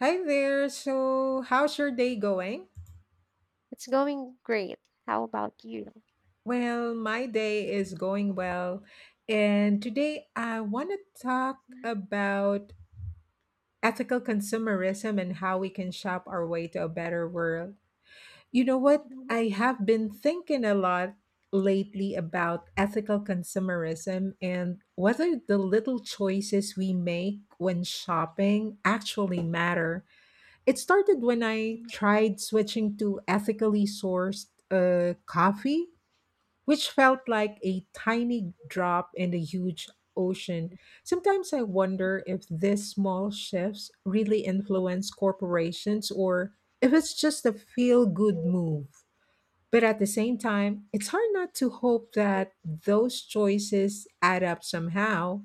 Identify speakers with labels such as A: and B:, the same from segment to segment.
A: Hi there. So, how's your day going?
B: It's going great. How about you?
A: Well, my day is going well. And today I want to talk about ethical consumerism and how we can shop our way to a better world. You know what? I have been thinking a lot lately about ethical consumerism and whether the little choices we make when shopping actually matter. It started when I tried switching to ethically sourced coffee, which felt like a tiny drop in a huge ocean. Sometimes I wonder if these small shifts really influence corporations or if it's just a feel good move. But at the same time, it's hard not to hope that those choices add up somehow.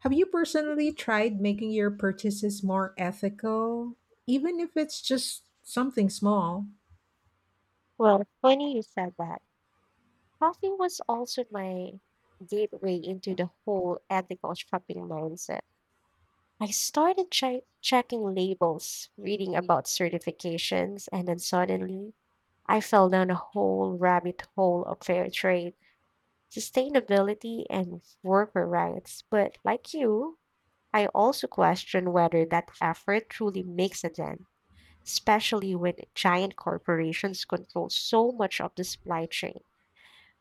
A: Have you personally tried making your purchases more ethical, even if it's just something small?
B: Well, funny you said that. Coffee was also my gateway into the whole ethical shopping mindset. I started checking labels, reading about certifications, and then suddenly I fell down a whole rabbit hole of fair trade, sustainability, and worker rights. But like you, I also question whether that effort truly makes a dent, especially when giant corporations control so much of the supply chain.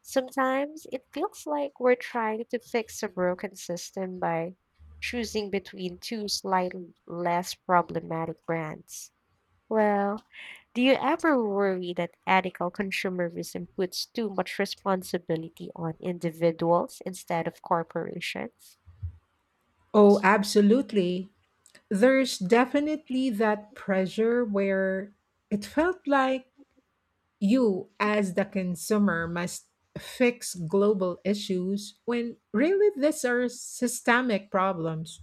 B: Sometimes it feels like we're trying to fix a broken system by choosing between two slightly less problematic brands. Well, do you ever worry that ethical consumerism puts too much responsibility on individuals instead of corporations?
A: Oh, absolutely. There's definitely that pressure where it felt like you, as the consumer, must fix global issues when really these are systemic problems.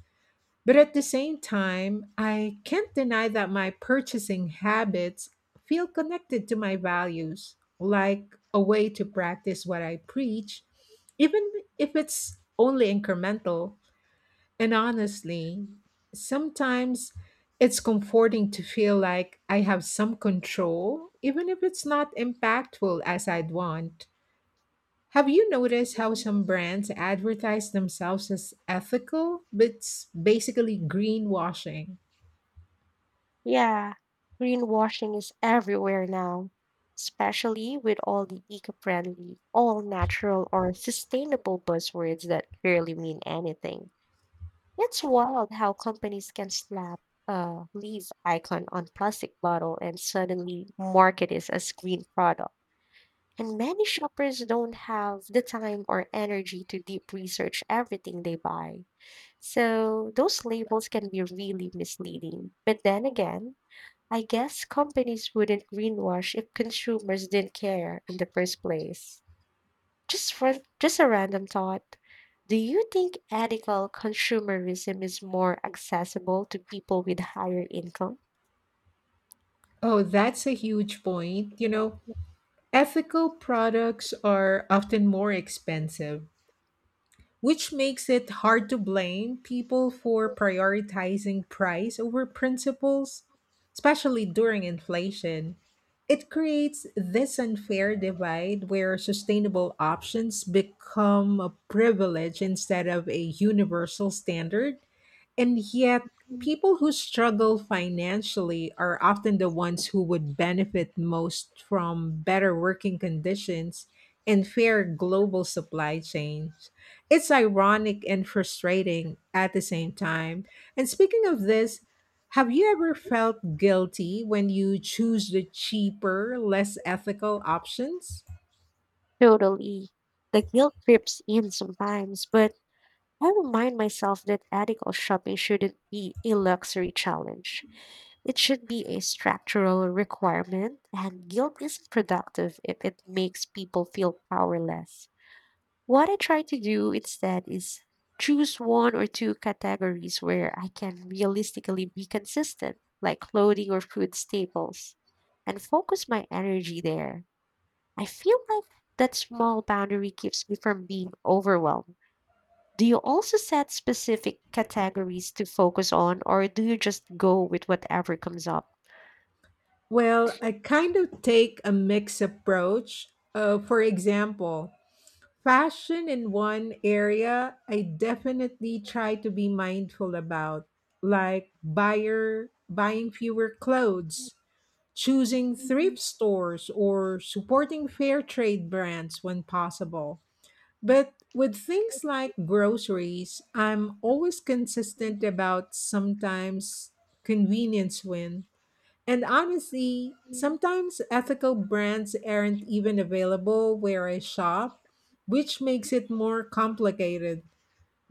A: But at the same time, I can't deny that my purchasing habits feel connected to my values, like a way to practice what I preach, even if it's only incremental. And honestly, sometimes it's comforting to feel like I have some control, even if it's not impactful as I'd want. Have you noticed how some brands advertise themselves as ethical, but it's basically greenwashing?
B: Yeah, greenwashing is everywhere now, especially with all the eco-friendly, all-natural, or sustainable buzzwords that barely mean anything. It's wild how companies can slap a leaf icon on plastic bottle and suddenly market it as green product. And many shoppers don't have the time or energy to deep research everything they buy. So those labels can be really misleading. But then again, I guess companies wouldn't greenwash if consumers didn't care in the first place. Just for, just a random thought. Do you think ethical consumerism is more accessible to people with higher income?
A: Oh, that's a huge point. You know, ethical products are often more expensive, which makes it hard to blame people for prioritizing price over principles, especially during inflation. It creates this unfair divide where sustainable options become a privilege instead of a universal standard. And yet, people who struggle financially are often the ones who would benefit most from better working conditions and fair global supply chains. It's ironic and frustrating at the same time. And speaking of this, have you ever felt guilty when you choose the cheaper, less ethical options?
B: Totally. The guilt creeps in sometimes, but I remind myself that ethical shopping shouldn't be a luxury challenge. It should be a structural requirement, and guilt is productive if it makes people feel powerless. What I try to do instead is choose one or two categories where I can realistically be consistent, like clothing or food staples, and focus my energy there. I feel like that small boundary keeps me from being overwhelmed. Do you also set specific categories to focus on, or do you just go with whatever comes up?
A: Well, I kind of take a mixed approach. For example, fashion in one area I definitely try to be mindful about, like buyer buying fewer clothes, choosing thrift stores or supporting fair trade brands when possible. But with things like groceries, I'm always consistent about sometimes convenience wins. And honestly, sometimes ethical brands aren't even available where I shop, which makes it more complicated.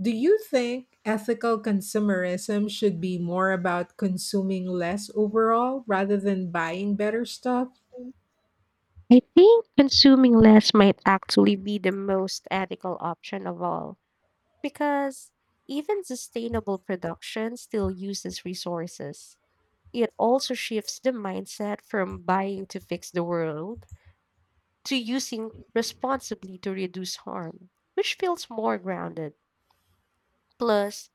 A: Do you think ethical consumerism should be more about consuming less overall rather than buying better stuff?
B: I think consuming less might actually be the most ethical option of all. Because even sustainable production still uses resources. It also shifts the mindset from buying to fix the world to using responsibly to reduce harm, which feels more grounded. Plus,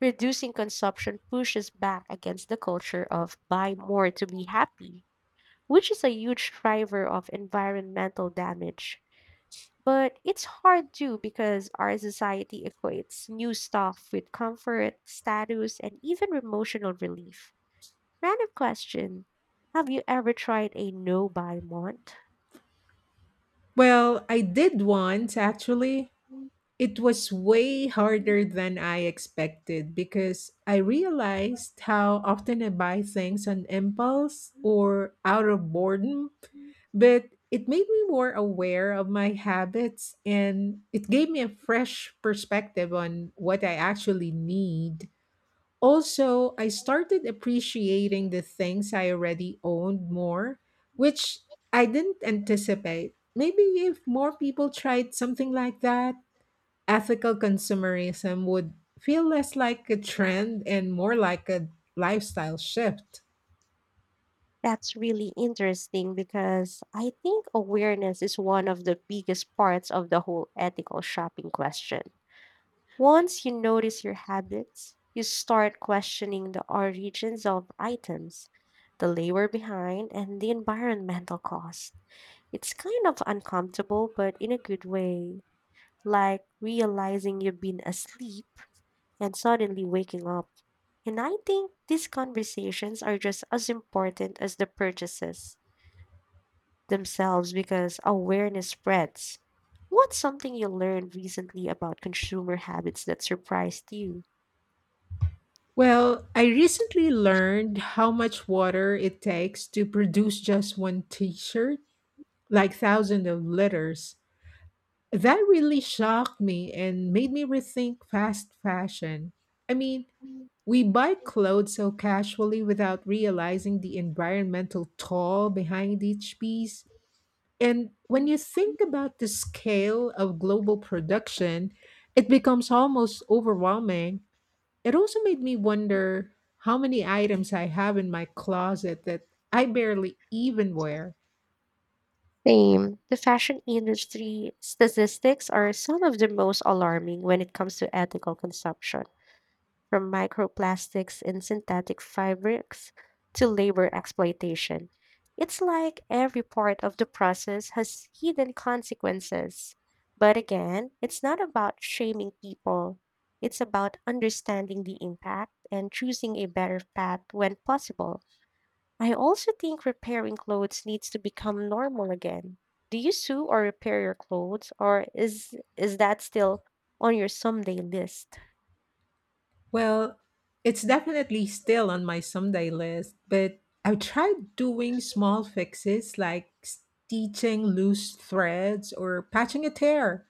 B: reducing consumption pushes back against the culture of buy more to be happy, which is a huge driver of environmental damage. But it's hard too because our society equates new stuff with comfort, status, and even emotional relief. Random question. Have you ever tried a no buy month?
A: Well, I did once actually. It was way harder than I expected because I realized how often I buy things on impulse or out of boredom, but it made me more aware of my habits and it gave me a fresh perspective on what I actually need. Also, I started appreciating the things I already owned more, which I didn't anticipate. Maybe if more people tried something like that, ethical consumerism would feel less like a trend and more like a lifestyle shift.
B: That's really interesting because I think awareness is one of the biggest parts of the whole ethical shopping question. Once you notice your habits, you start questioning the origins of items, the labor behind, and the environmental cost. It's kind of uncomfortable, but in a good way. Like realizing you've been asleep and suddenly waking up. And I think these conversations are just as important as the purchases themselves because awareness spreads. What's something you learned recently about consumer habits that surprised you?
A: Well, I recently learned how much water it takes to produce just one t shirt, like thousands of liters. That really shocked me and made me rethink fast fashion. I mean, we buy clothes so casually without realizing the environmental toll behind each piece. And when you think about the scale of global production, it becomes almost overwhelming. It also made me wonder how many items I have in my closet that I barely even wear.
B: Same. The fashion industry statistics are some of the most alarming when it comes to ethical consumption, from microplastics and synthetic fabrics to labor exploitation. It's like every part of the process has hidden consequences. But again, it's not about shaming people. It's about understanding the impact and choosing a better path when possible. I also think repairing clothes needs to become normal again. Do you sew or repair your clothes, or is that still on your someday list?
A: Well, it's definitely still on my someday list, but I've tried doing small fixes like stitching loose threads or patching a tear.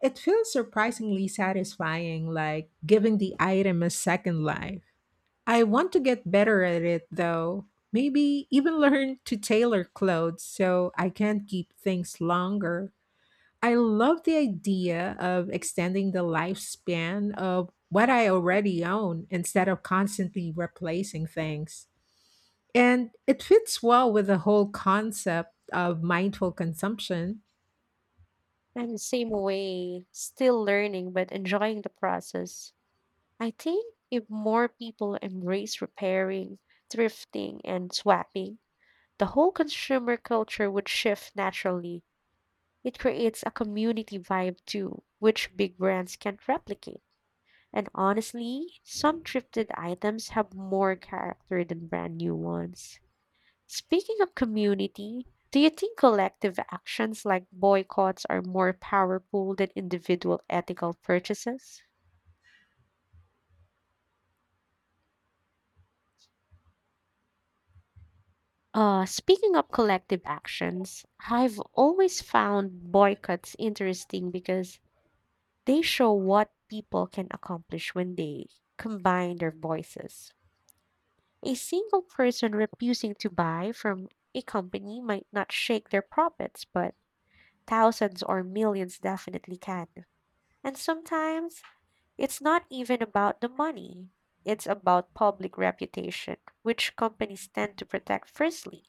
A: It feels surprisingly satisfying, like giving the item a second life. I want to get better at it though. Maybe even learn to tailor clothes so I can keep things longer. I love the idea of extending the lifespan of what I already own instead of constantly replacing things. And it fits well with the whole concept of mindful consumption.
B: I'm the same way, still learning but enjoying the process. I think if more people embrace repairing, thrifting, and swapping, the whole consumer culture would shift naturally. It creates a community vibe too, which big brands can't replicate. And honestly, some thrifted items have more character than brand new ones. Speaking of community, do you think collective actions like boycotts are more powerful than individual ethical purchases? Speaking of collective actions, I've always found boycotts interesting because they show what people can accomplish when they combine their voices. A single person refusing to buy from a company might not shake their profits, but thousands or millions definitely can. And sometimes, it's not even about the money. It's about public reputation, which companies tend to protect firstly.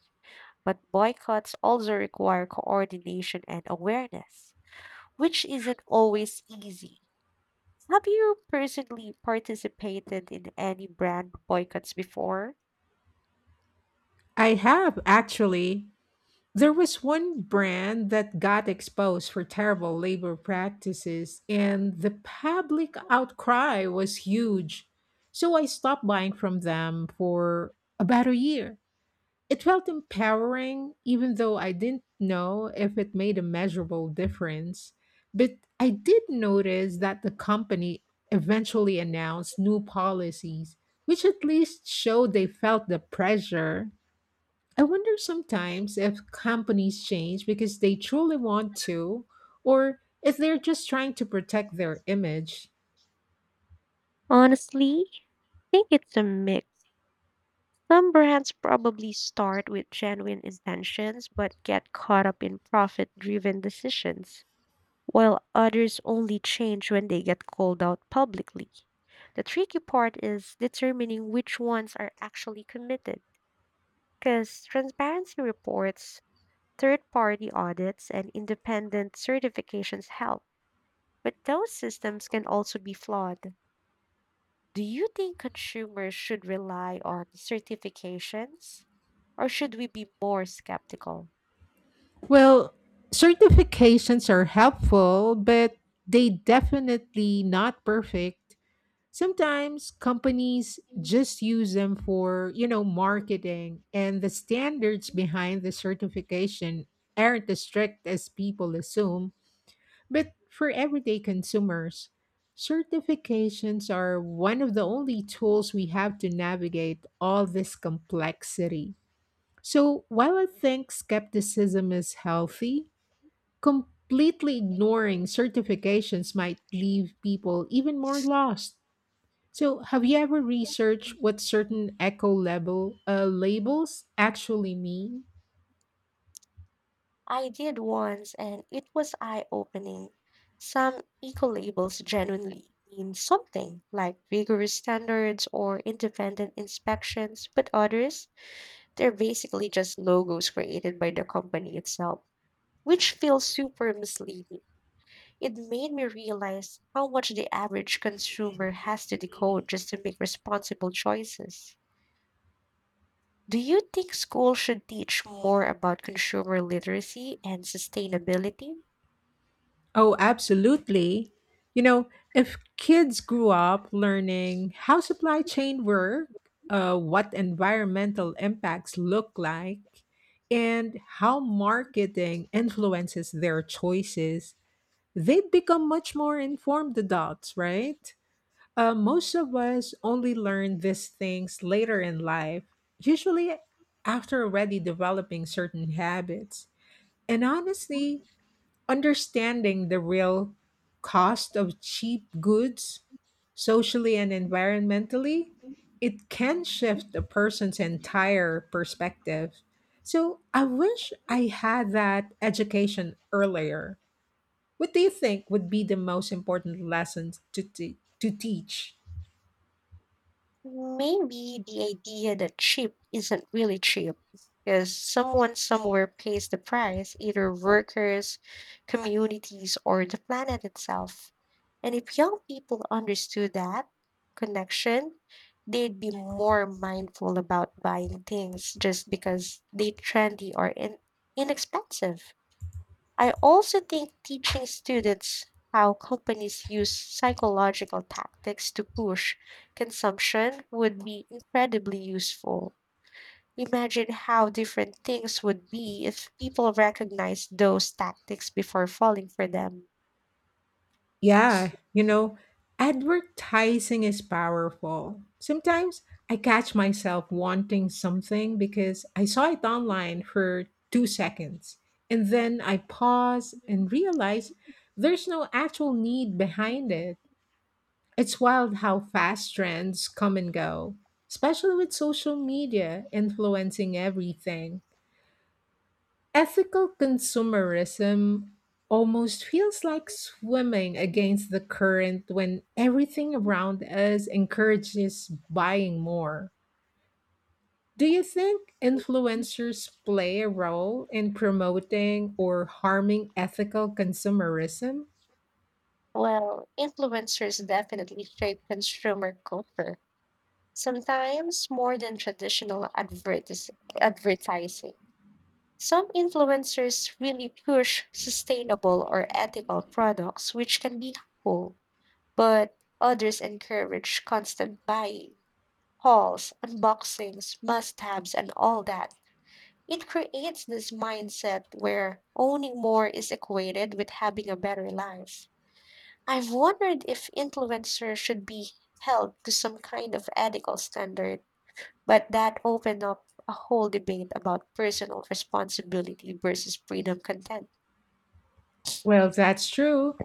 B: But boycotts also require coordination and awareness, which isn't always easy. Have you personally participated in any brand boycotts before?
A: I have actually. There was one brand that got exposed for terrible labor practices, and the public outcry was huge. So I stopped buying from them for about a year. It felt empowering, even though I didn't know if it made a measurable difference. But I did notice that the company eventually announced new policies, which at least showed they felt the pressure. I wonder sometimes if companies change because they truly want to, or if they're just trying to protect their image.
B: Honestly, I think it's a mix. Some brands probably start with genuine intentions but get caught up in profit driven decisions, while others only change when they get called out publicly. The tricky part is determining which ones are actually committed, because transparency reports, third party audits, and independent certifications help. But those systems can also be flawed. Do you think consumers should rely on certifications, or should we be more skeptical?
A: Well, certifications are helpful, but they definitely not perfect. Sometimes companies just use them for, you know, marketing, and the standards behind the certification aren't as strict as people assume. But for everyday consumers, certifications are one of the only tools we have to navigate all this complexity. So while I think skepticism is healthy, completely ignoring certifications might leave people even more lost. So have you ever researched what certain eco label labels actually mean?
B: I did once, and it was eye-opening. Some eco-labels genuinely mean something, like vigorous standards or independent inspections, but others, they're basically just logos created by the company itself, which feels super misleading. It made me realize how much the average consumer has to decode just to make responsible choices. Do you think schools should teach more about consumer literacy and sustainability?
A: Oh, absolutely. You know, if kids grew up learning how supply chain work, what environmental impacts look like, and how marketing influences their choices, they'd become much more informed adults, right? Most of us only learn these things later in life, usually after already developing certain habits. And honestly, understanding the real cost of cheap goods, socially and environmentally, it can shift a person's entire perspective. So I wish I had that education earlier. What do you think would be the most important lessons to teach?
B: Maybe the idea that cheap isn't really cheap because someone somewhere pays the price, either workers, communities, or the planet itself. And if young people understood that connection, they'd be more mindful about buying things just because they're trendy or inexpensive. I also think teaching students how companies use psychological tactics to push consumption would be incredibly useful. Imagine how different things would be if people recognized those tactics before falling for them.
A: Yeah, you know, advertising is powerful. Sometimes I catch myself wanting something because I saw it online for 2 seconds. And then I pause and realize there's no actual need behind it. It's wild how fast trends come and go, especially with social media influencing everything. Ethical consumerism almost feels like swimming against the current when everything around us encourages buying more. Do you think influencers play a role in promoting or harming ethical consumerism?
B: Well, influencers definitely shape consumer culture, sometimes more than traditional advertising. Some influencers really push sustainable or ethical products, which can be helpful, but others encourage constant buying, hauls, unboxings, must haves, and all that. It creates this mindset where owning more is equated with having a better life. I've wondered if influencers should be held to some kind of ethical standard, but that opened up a whole debate about personal responsibility versus freedom content.
A: Well, that's true.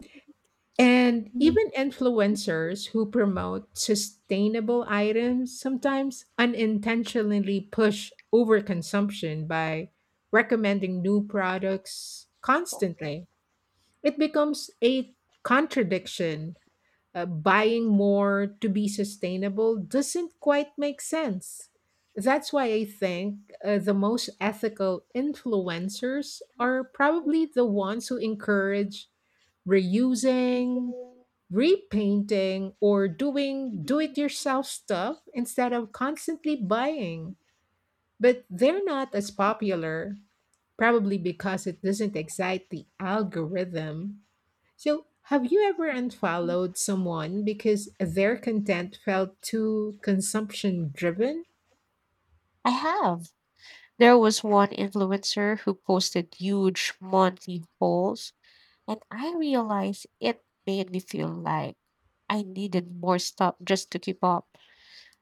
A: And
B: Mm,
A: even influencers who promote sustainable items sometimes unintentionally push overconsumption by recommending new products constantly. It becomes a contradiction. Buying more to be sustainable doesn't quite make sense. That's why I think the most ethical influencers are probably the ones who encourage reusing, repainting, or doing do it yourself stuff instead of constantly buying. But they're not as popular, probably because it doesn't excite the algorithm. So, have you ever unfollowed someone because their content felt too consumption driven?
B: I have. There was one influencer who posted huge monthly hauls, and I realized it made me feel like I needed more stuff just to keep up.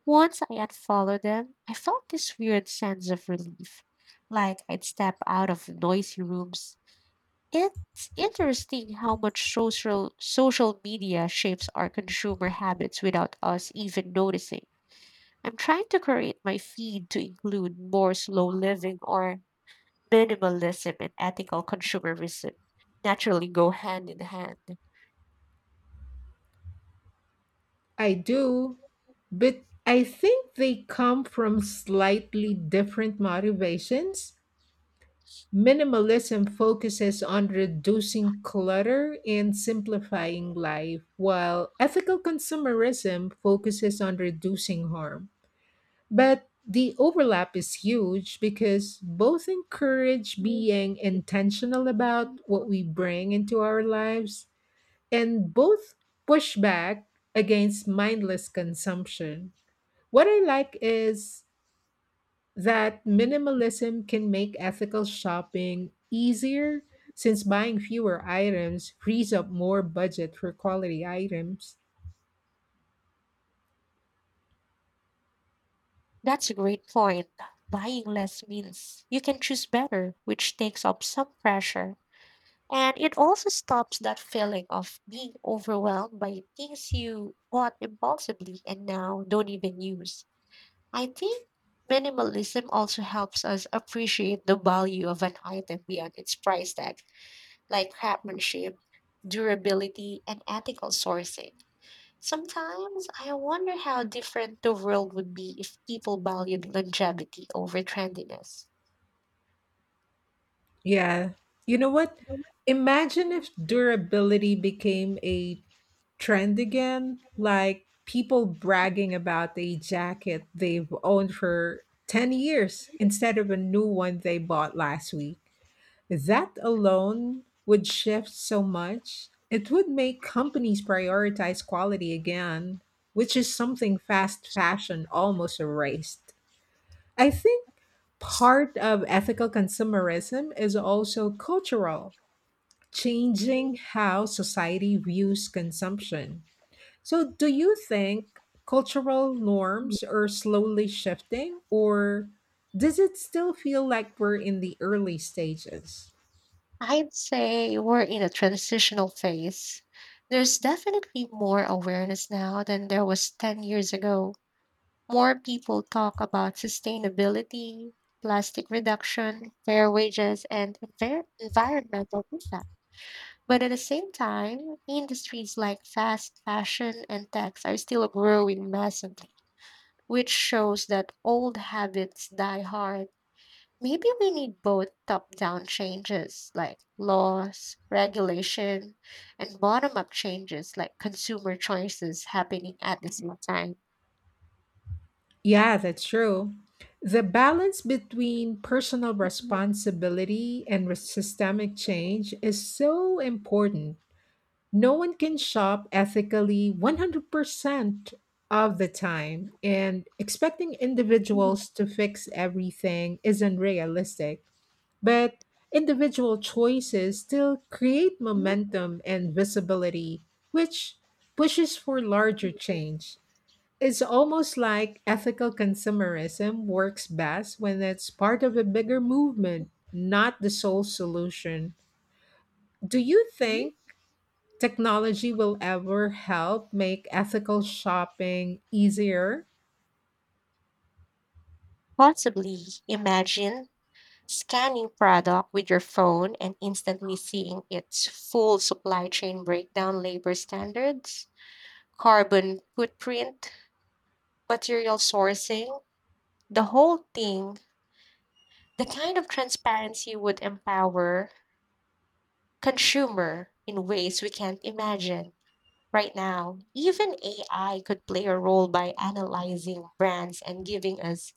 B: Once I unfollowed them, I felt this weird sense of relief, like I'd step out of noisy rooms. It's interesting how much social media shapes our consumer habits without us even noticing. I'm trying to create my feed to include more slow living or minimalism and ethical consumerism naturally go hand in hand.
A: I do, but I think they come from slightly different motivations. Minimalism focuses on reducing clutter and simplifying life, while ethical consumerism focuses on reducing harm. But the overlap is huge because both encourage
B: Mm.
A: being intentional about what we bring into our lives, and both push back against mindless consumption. What I like is that minimalism can make ethical shopping easier since buying fewer items frees up more budget for quality items.
B: That's a great point. Buying less means you can choose better, which takes off some pressure. And it also stops that feeling of being overwhelmed by things you bought impulsively and now don't even use. I think minimalism also helps us appreciate the value of an item beyond its price tag like craftsmanship, durability, and ethical sourcing. Sometimes I wonder how different the world would be if people valued longevity over trendiness.
A: Yeah. You know what? Imagine if durability became a trend again, like people bragging about a jacket they've owned for 10 years instead of a new one they bought last week. That alone would shift so much. It would make companies prioritize quality again, which is something fast fashion almost erased. I think part of ethical consumerism is also cultural, changing how society views consumption. So, do you think cultural norms are slowly shifting, or does it still feel like we're in the early stages?
B: I'd say we're in a transitional phase. There's definitely more awareness now than there was 10 years ago. More people talk about sustainability, plastic reduction, fair wages, and environmental impact. But at the same time, industries like fast fashion and techs are still growing massively, which shows that old habits die hard. Maybe we need both top down changes like laws, regulation, and bottom up changes like consumer choices happening at the same time.
A: Yeah, that's true. The balance between personal responsibility and systemic change is so important. No one can shop ethically 100% of the time, and expecting individuals to fix everything is not realistic. But individual choices still create momentum and visibility, which pushes for larger change. It's almost like ethical consumerism works best when it's part of a bigger movement, not the sole solution. Do you think technology will ever help make ethical shopping easier?
B: Possibly, imagine scanning product with your phone and instantly seeing its full supply chain breakdown, labor standards, carbon footprint, material sourcing, the whole thing, the kind of transparency would empower consumer in ways we can't imagine. Right now, even AI could play a role by analyzing brands and giving us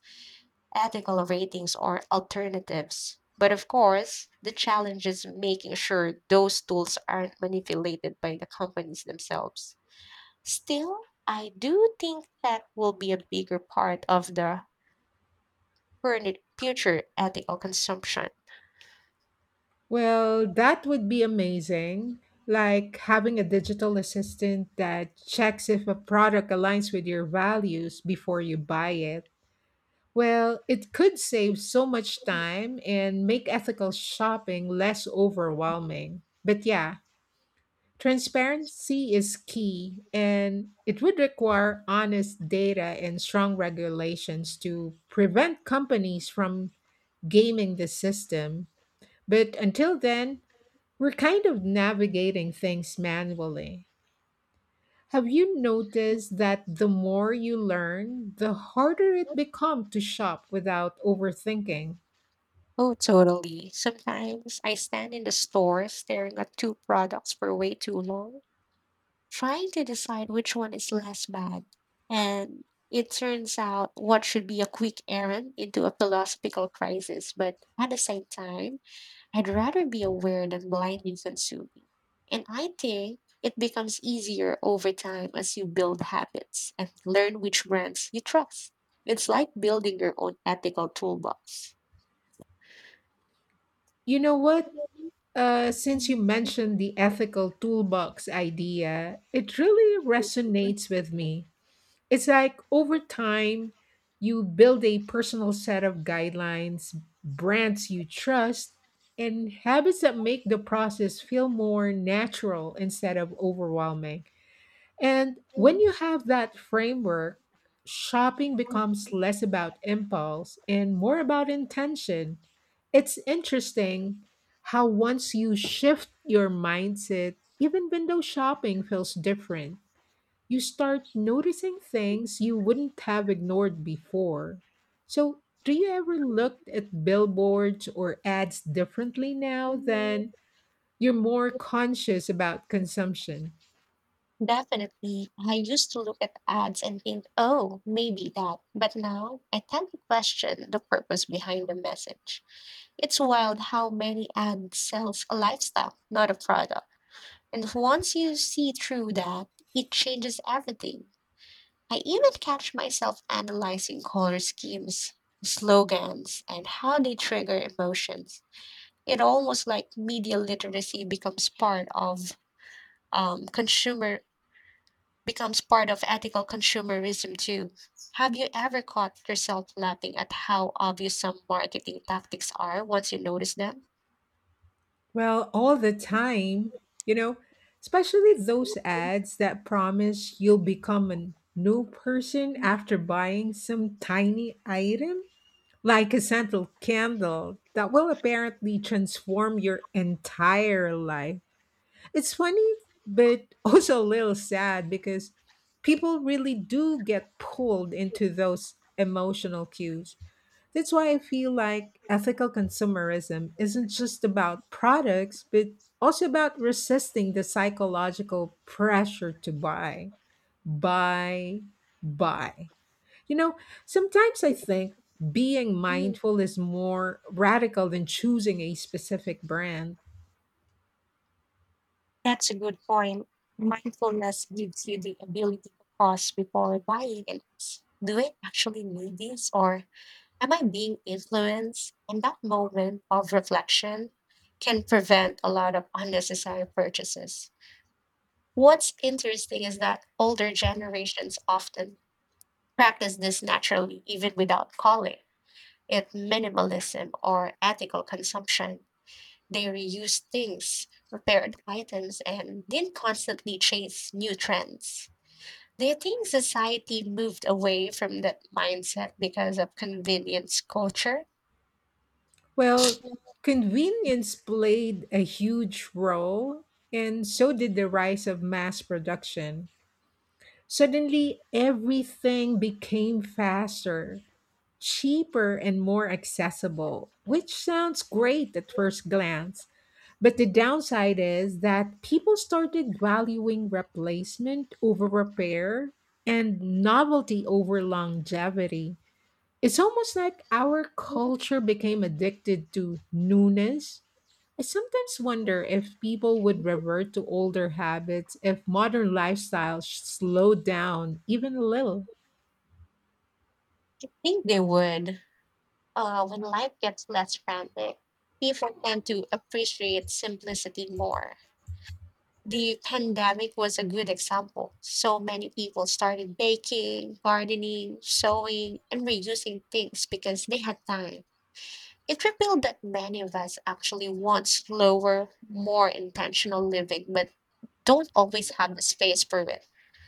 B: ethical ratings or alternatives. But of course, the challenge is making sure those tools aren't manipulated by the companies themselves. Still, I do think that will be a bigger part of the current future ethical consumption.
A: Well, that would be amazing. Like having a digital assistant that checks if a product aligns with your values before you buy it. Well, it could save so much time and make ethical shopping less overwhelming. But yeah, transparency is key, and it would require honest data and strong regulations to prevent companies from gaming the system. But until then, we're kind of navigating things manually. Have you noticed that the more you learn, the harder it becomes to shop without overthinking?
B: Oh, totally. Sometimes I stand in the store staring at two products for way too long trying to decide which one is less bad. And it turns out what should be a quick errand into a philosophical crisis. But at the same time, I'd rather be aware than blindly consuming. And I think it becomes easier over time as you build habits and learn which brands you trust. It's like building your own ethical toolbox.
A: You know what? Since you mentioned the ethical toolbox idea, it really resonates with me. It's like over time, you build a personal set of guidelines, brands you trust, and habits that make the process feel more natural instead of overwhelming. And when you have that framework, shopping becomes less about impulse and more about intention. It's interesting how once you shift your mindset, even window shopping feels different. You start noticing things you wouldn't have ignored before. So, do you ever look at billboards or ads differently now than you're more conscious about consumption?
B: Definitely. I used to look at ads and think, oh, maybe that. But now I tend to question the purpose behind the message. It's wild how many ads sells a lifestyle, not a product. And once you see through that, it changes everything. I even catch myself analyzing color schemes, slogans, and how they trigger emotions. It almost like media literacy becomes part of um, consumer ethical consumerism too. Have you ever caught yourself laughing at how obvious some marketing tactics are once you notice them?
A: Well, all the time, you know, especially those ads that promise you'll become a new person after buying some tiny item, like a scented candle that will apparently transform your entire life. It's funny, but also a little sad because people really do get pulled into those emotional cues. That's why I feel like ethical consumerism isn't just about products, but also about resisting the psychological pressure to buy, buy, buy. You know, sometimes I think being
B: Mhm.
A: mindful is more radical than choosing a specific brand.
B: That's a good point. Mindfulness gives you the ability to pause before buying and ask, do I actually need this or am I being influenced? And that moment of reflection can prevent a lot of unnecessary purchases. What's interesting is that older generations often practice this naturally even without calling it minimalism or ethical consumption. They reuse things, repaired items, and didn't constantly chase new trends. Do you think society moved away from that mindset because of convenience culture?
A: Well,
B: I
A: convenience played a huge role, and so did the rise of mass production. Suddenly, everything became faster, cheaper, and more accessible, which sounds great at first glance. But the downside is that people started valuing replacement over repair and novelty over longevity. It's almost like our culture became addicted to newness. I sometimes wonder if people would revert to older habits if modern lifestyles slowed down even a little.
B: think they would. When life gets less frantic, people tend to appreciate simplicity more. The pandemic was a good example. So many people started baking, gardening, sewing, and reusing things because they had time. It revealed that many of us actually want slower, more intentional living, but don't always have the space for it.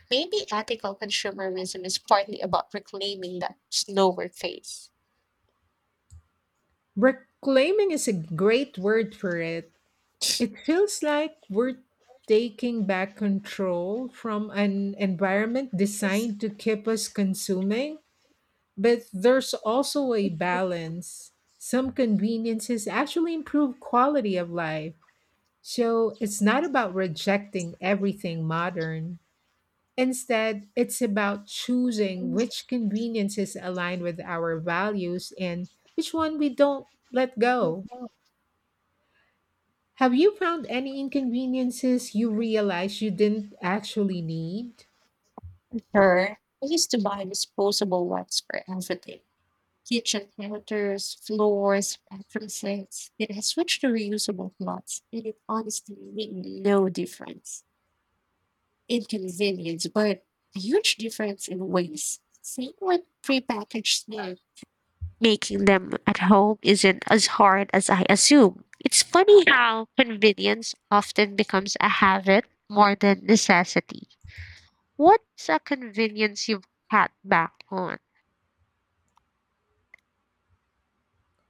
B: Maybe ethical consumerism is partly about reclaiming that slower phase.
A: Reclaiming is a great word for it. It feels like we're taking back control from an environment designed to keep us consuming, but there's also a balance. Some conveniences actually improve quality of life. So it's not about rejecting everything modern. Instead, it's about choosing which conveniences align with our values and which one we don't let go. Have you found any inconveniences you realized you didn't actually need?
B: Sure. I used to buy disposable wipes for everything. Kitchen counters, floors, bathroom sinks. It has switched to reusable cloths, and it honestly made no difference in convenience, but a huge difference in waste. Same with prepackaged snacks. Making them at home isn't as hard as I assume. It's funny how convenience often becomes a habit more than necessity. What's a convenience you've cut back on?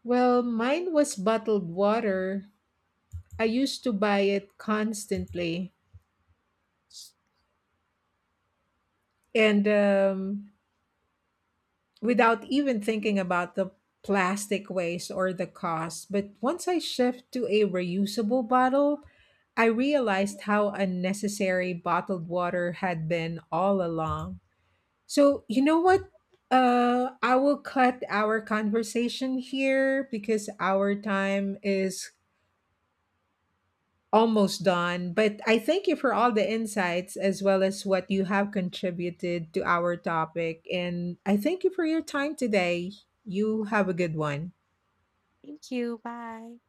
A: Well, mine was
B: Mm,
A: bottled water. I used to buy it constantly. And Without even thinking about the plastic waste or the cost. But once I shift to a reusable bottle, I realized how unnecessary bottled water had been all along. So, you know what? I will cut our conversation here because our time is almost done. But I thank you for all the insights as well as what you have contributed to our topic. And I thank you for your time today. You have a good one.
B: thank you. Bye.